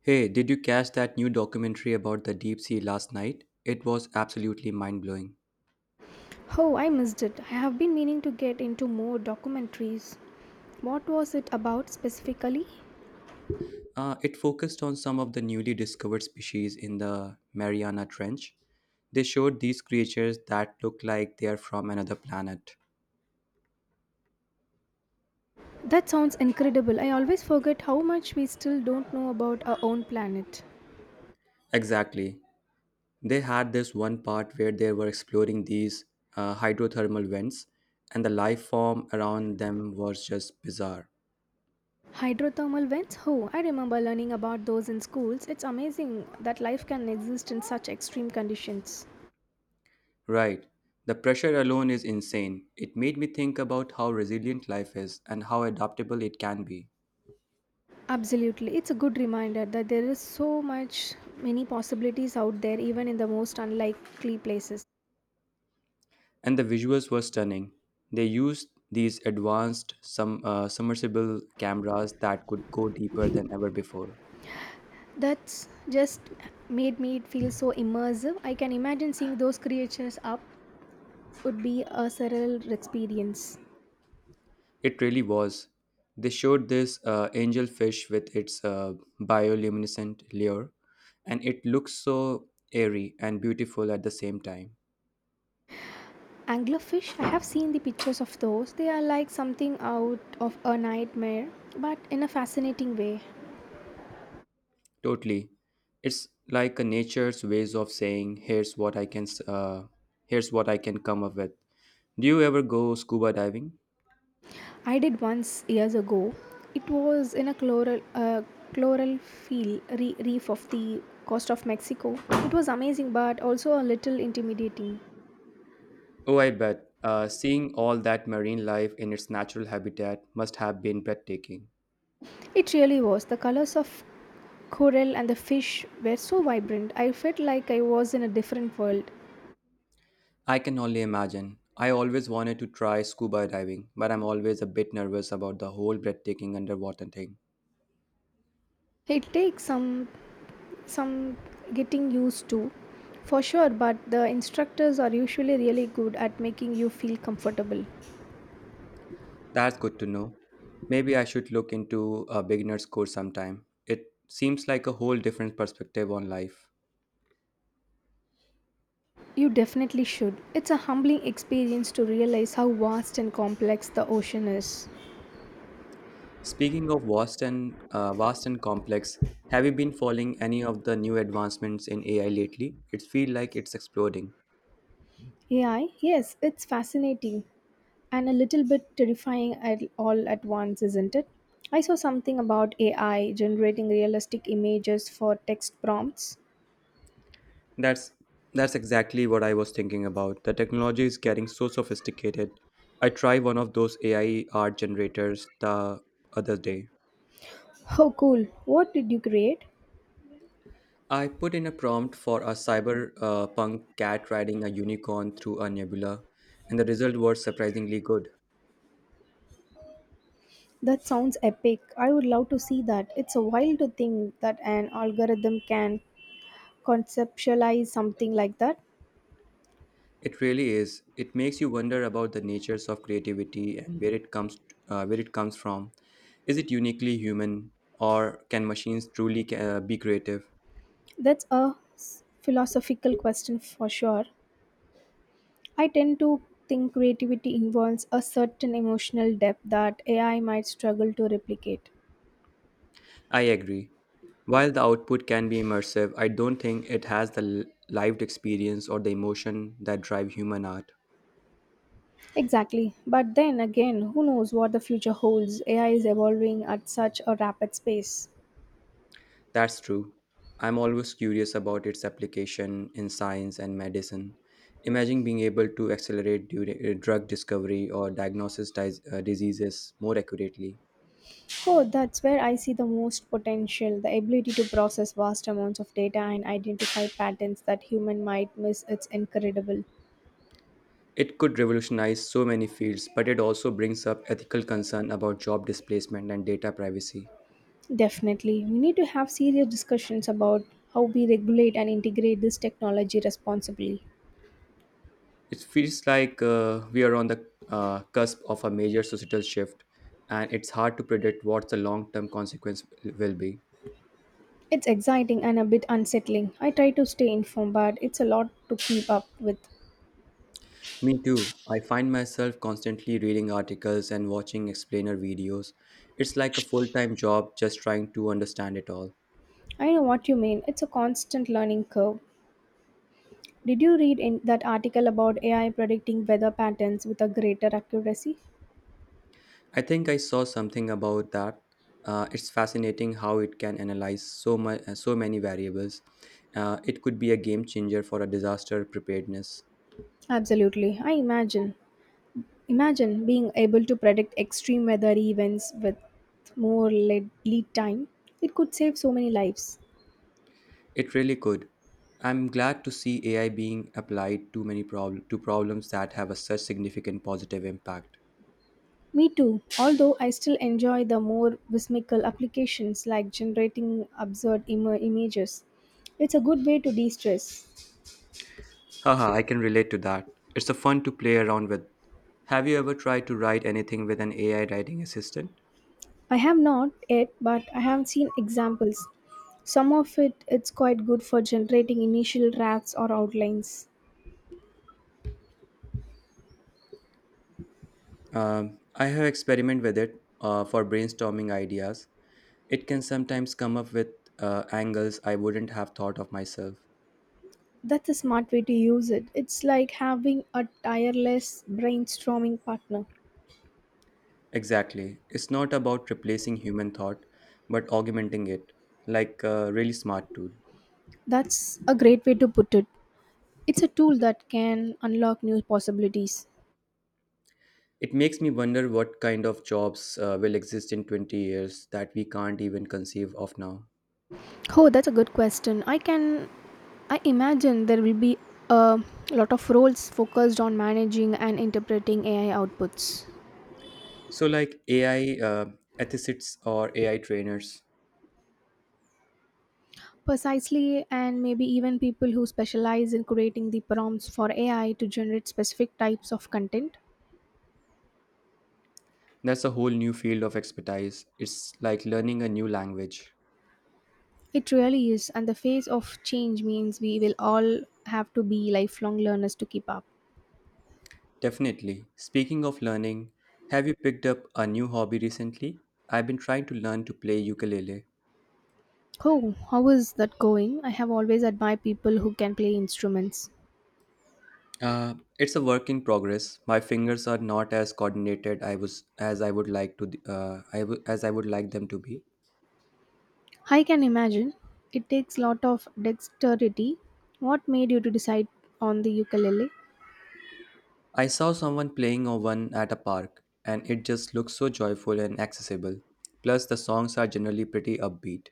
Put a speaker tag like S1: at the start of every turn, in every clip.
S1: Hey, did you catch that new documentary about the deep sea last night? It was absolutely mind blowing.
S2: Oh, I missed it. I have been meaning to get into more documentaries. What was it about specifically?
S1: It focused on some of the newly discovered species in the Mariana Trench. They showed these creatures that look like they are from another planet.
S2: That sounds incredible. I always forget how much we still don't know about our own planet.
S1: Exactly. They had this one part where they were exploring these hydrothermal vents, and the life form around them was just bizarre.
S2: Hydrothermal vents? Oh, I remember learning about those in schools. It's amazing that life can exist in such extreme conditions.
S1: Right. The pressure alone is insane. It made me think about how resilient life is and how adaptable it can be.
S2: Absolutely. It's a good reminder that there is so much many possibilities out there even in the most unlikely places.
S1: And the visuals were stunning. They used these advanced submersible cameras that could go deeper than ever before.
S2: That's just made me feel so immersive. I can imagine seeing those creatures up would be a surreal experience.
S1: It really was. They showed this angelfish with its bioluminescent lure, and it looks so airy and beautiful at the same time.
S2: Anglerfish, I have seen the pictures of those. They are like something out of a nightmare, but in a fascinating way.
S1: Totally. It's like a nature's ways of saying, here's what I here's what I can come up with. Do you ever go scuba diving?
S2: I did once years ago. It was in a chloral field reef of the coast of Mexico. It was amazing, but also a little intimidating.
S1: Oh, I bet. Seeing all that marine life in its natural habitat must have been breathtaking.
S2: It really was. The colors of coral and the fish were so vibrant. I felt like I was in a different world.
S1: I can only imagine. I always wanted to try scuba diving, but I'm always a bit nervous about the whole breathtaking underwater thing.
S2: It takes some getting used to for sure, but the instructors are usually really good at making you feel comfortable.
S1: That's good to know. Maybe I should look into a beginner's course sometime. It seems like a whole different perspective on life.
S2: You definitely should. It's a humbling experience to realize how vast and complex the ocean is.
S1: Speaking of vast and complex, have you been following any of the new advancements in AI lately? It feels like it's exploding.
S2: AI? Yes, it's fascinating. And a little bit terrifying at all at once, isn't it? I saw something about AI generating realistic images for text prompts.
S1: That's that's exactly what I was thinking about. The technology is getting so sophisticated. I tried one of those AI art generators the other day.
S2: Oh, cool. What did you create?
S1: I put in a prompt for a cyber punk cat riding a unicorn through a nebula, and the result was surprisingly good.
S2: That sounds epic. I would love to see that. It's a wild to think that an algorithm can conceptualize something like that.
S1: It really is. It makes you wonder about the natures of creativity and where it comes from. Is it uniquely human, or can machines truly be creative?
S2: That's a philosophical question for sure. I tend to think creativity involves a certain emotional depth that AI might struggle to replicate.
S1: I agree. While the output can be immersive, I don't think it has the lived experience or the emotion that drive human art.
S2: Exactly. But then again, who knows what the future holds? AI is evolving at such a rapid pace.
S1: That's true. I'm always curious about its application in science and medicine. Imagine being able to accelerate drug discovery or diagnosis diseases more accurately.
S2: Oh, that's where I see the most potential the ability to process vast amounts of data and identify patterns that human might miss. It's incredible.
S1: It could revolutionize so many fields, but it also brings up ethical concern about job displacement and data privacy.
S2: Definitely. We need to have serious discussions about how we regulate and integrate this technology responsibly.
S1: It feels like we are on the cusp of a major societal shift, and it's hard to predict what the long term consequence will be.
S2: It's exciting and a bit unsettling. I try to stay informed, but it's a lot to keep up with.
S1: Me too. I find myself constantly reading articles and watching explainer videos. It's like a full time job just trying to understand it all.
S2: I know what you mean. It's a constant learning curve. Did you read in that article about AI predicting weather patterns with a greater accuracy?
S1: I think I saw something about that. It's fascinating how it can analyze so many variables. It could be a game changer for a disaster preparedness.
S2: Absolutely. I imagine. Imagine being able to predict extreme weather events with more lead time. It could save so many lives.
S1: It really could. I'm glad to see AI being applied to many problem to problems that have a such significant positive impact.
S2: Me too, although I still enjoy the more whimsical applications like generating absurd images. It's a good way to de stress.
S1: Haha, I can relate to that. It's a fun to play around with. Have you ever tried to write anything with an AI writing assistant?
S2: I have not yet, but I have seen examples. Some of it it's quite good for generating initial drafts or outlines.
S1: I have experimented with it for brainstorming ideas. It can sometimes come up with angles I wouldn't have thought of myself.
S2: That's a smart way to use it. It's like having a tireless brainstorming partner.
S1: Exactly. It's not about replacing human thought, but augmenting it, like a really smart tool.
S2: That's a great way to put it. It's a tool that can unlock new possibilities.
S1: It makes me wonder what kind of jobs will exist in 20 years that we can't even conceive of now.
S2: Oh, that's a good question. I can I imagine there will be a lot of roles focused on managing and interpreting AI outputs.
S1: So, like AI ethicists or AI trainers,
S2: Precisely, and maybe even people who specialize in creating the prompts for AI to generate specific types of content.
S1: that's a whole new field of expertise. It's like learning a new language.
S2: It really is, and the phase of change means we will all have to be lifelong learners to keep up.
S1: Definitely. Speaking of learning, have you picked up a new hobby recently? I've been trying to learn to play ukulele.
S2: Oh, how is that going? I have always admired people who can play instruments.
S1: It's a work in progress. My fingers are not as coordinated I was as I would like to I w- as I would like them to be.
S2: I can imagine. It takes lot of dexterity. What made you to decide on the ukulele?
S1: I saw someone playing on one at a park, and it just looks so joyful and accessible. Plus, the songs are generally pretty upbeat.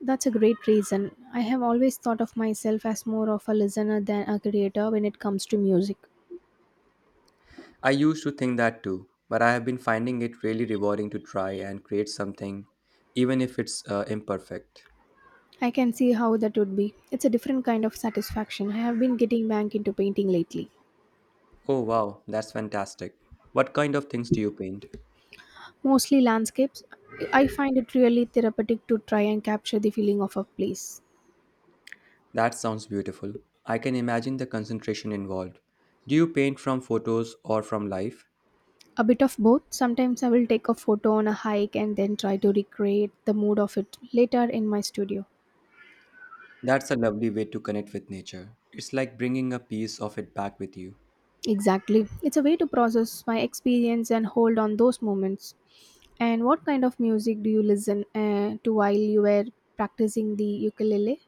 S2: That's a great reason. I have always thought of myself as more of a listener than a creator when it comes to music.
S1: I used to think that too, but I have been finding it really rewarding to try and create something, even if it's imperfect.
S2: I can see how that would be. It's a different kind of satisfaction. I have been getting back into painting lately,
S1: Oh wow, that's fantastic. What kind of things do you paint?
S2: mostly landscapes. I find it really therapeutic to try and capture the feeling of a place.
S1: That sounds beautiful. I can imagine the concentration involved. Do you paint from photos or from life?
S2: A bit of both. Sometimes I will take a photo on a hike and then try to recreate the mood of it later in my studio.
S1: That's a lovely way to connect with nature. It's like bringing a piece of it back with you.
S2: Exactly. It's a way to process my experience and hold on those moments. And what kind of music do you listen to while you were practicing the ukulele?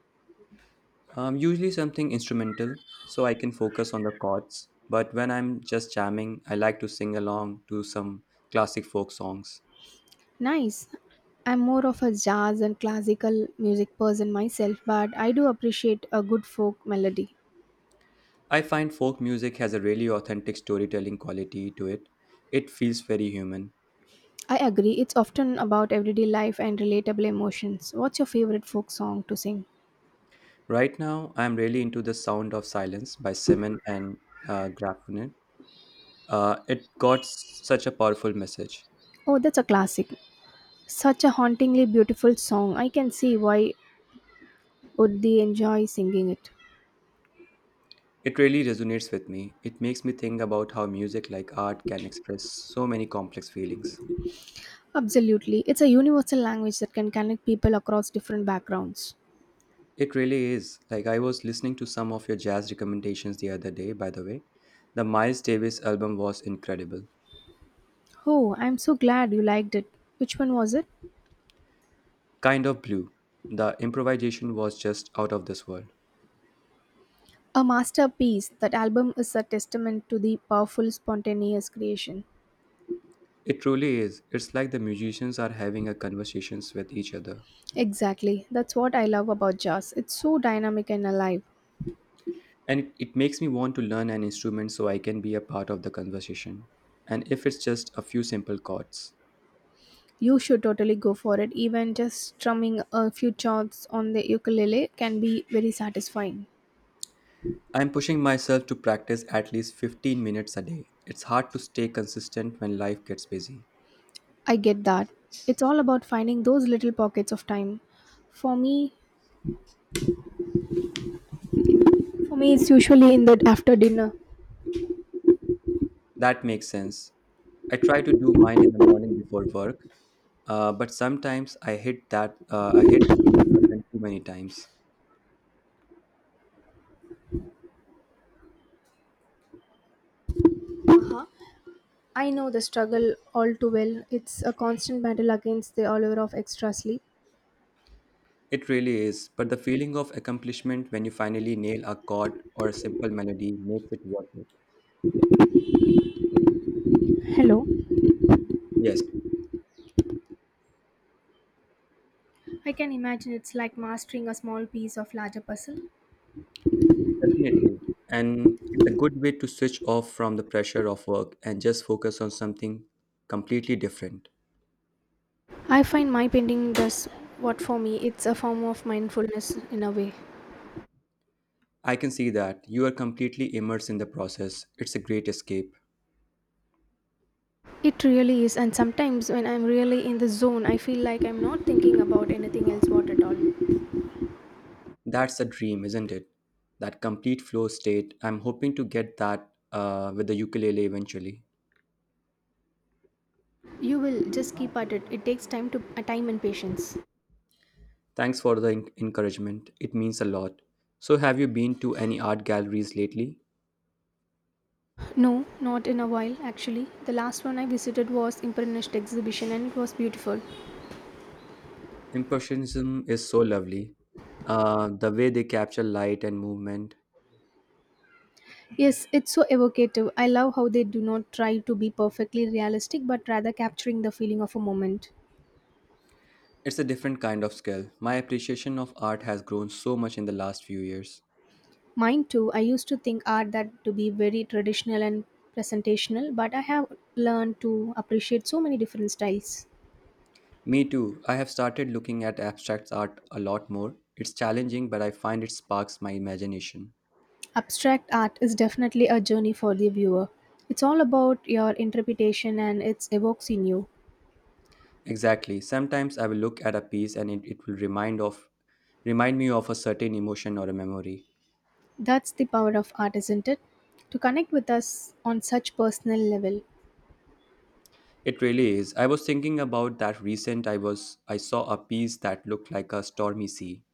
S1: Usually something instrumental, so I can focus on the chords. But when I'm just jamming, I like to sing along to some classic folk songs.
S2: Nice. I'm more of a jazz and classical music person myself, but I do appreciate a good folk melody.
S1: I find folk music has a really authentic storytelling quality to it. It feels very human.
S2: I agree, it's often about everyday life and relatable emotions. What's your favorite folk song to sing?
S1: Right now, I'm really into The Sound of Silence by Simon and Garfunkel. It got such a powerful message.
S2: Oh, that's a classic. Such a hauntingly beautiful song. I can see why would they enjoy singing it.
S1: It really resonates with me. It makes me think about how music, like art, can express so many complex feelings.
S2: Absolutely. It's a universal language that can connect people across different backgrounds.
S1: It really is. Like, I was listening to some of your jazz recommendations the other day, by the way. The Miles Davis album was incredible.
S2: Oh, I'm so glad you liked it. Which one was it?
S1: Kind of blue. The improvisation was just out of this world.
S2: A masterpiece. That album is a testament to the powerful, spontaneous creation.
S1: It truly is. It's like the musicians are having a conversations with each other,
S2: Exactly. That's what I love about jazz. It's so dynamic and alive.
S1: and it makes me want to learn an instrument so I can be a part of the conversation. And if it's just a few simple chords,
S2: You should totally go for it. Even just strumming a few chords on the ukulele can be very satisfying.
S1: I'm pushing myself to practice at least 15 minutes a day. It's hard to stay consistent when life gets busy.
S2: I get that. It's all about finding those little pockets of time. For me, for me, it's usually in the after dinner.
S1: That makes sense. I try to do mine in the morning before work, but sometimes I hit that I hit the snooze button too many times.
S2: I know the struggle all too well. It's a constant battle against the allure of extra sleep.
S1: It really is, but the feeling of accomplishment when you finally nail a chord or a simple melody makes it worth it.
S2: Hello.
S1: Yes.
S2: I can imagine it's like mastering a small piece of larger puzzle.
S1: Definitely. And it's a good way to switch off from the pressure of work and just focus on something completely different.
S2: I find my painting does what for me. It's a form of mindfulness in a way.
S1: I can see that you are completely immersed in the process. It's a great escape.
S2: It really is, and sometimes when I'm really in the zone, I feel like I'm not thinking about anything else what at all.
S1: That's a dream, isn't it? That complete flow state. I'm hoping to get that with the ukulele eventually.
S2: You will just keep at it. It takes time and patience.
S1: Thanks for the encouragement. It means a lot. So, have you been to any art galleries lately?
S2: No, not in a while actually. The last one I visited was Impressionist exhibition and it was beautiful.
S1: Impressionism is so lovely. The way they capture light and movement.
S2: Yes, it's so evocative. I love how they do not try to be perfectly realistic but rather capturing the feeling of a moment.
S1: It's a different kind of skill. My appreciation of art has grown so much in the last few years.
S2: Mine too, I used to think art that to be very traditional and presentational, but I have learned to appreciate so many different styles.
S1: Me too. I have started looking at abstract art a lot more. It's challenging, but I find it sparks my imagination.
S2: Abstract art is definitely a journey for the viewer. It's all about your interpretation and it evokes in you.
S1: Exactly. Sometimes I will look at a piece and it will remind me of a certain emotion or a memory.
S2: That's the power of art, isn't it? To connect with us on such personal level.
S1: It really is. I was thinking about that recent I was I Saw a piece that looked like a stormy sea.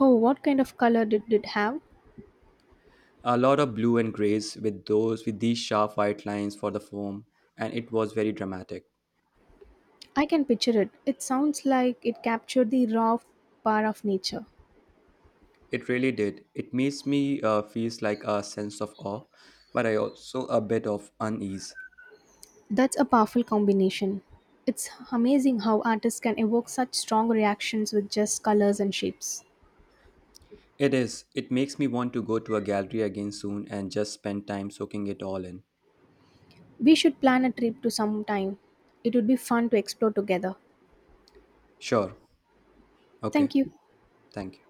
S2: Oh, what kind of color did it have?
S1: A lot of blue and grays with those with these sharp white lines for the foam, and it was very dramatic.
S2: I can picture it. It sounds like it captured the raw power of nature.
S1: It really did. It makes me feels like a sense of awe, but I also a bit of unease.
S2: That's a powerful combination. It's amazing how artists can evoke such strong reactions with just colors and shapes.
S1: It is. It makes me want to go to a gallery again soon and just spend time soaking it all in.
S2: We should plan a trip to some time. It would be fun to explore together.
S1: Sure. Okay.
S2: Thank you.
S1: Thank you.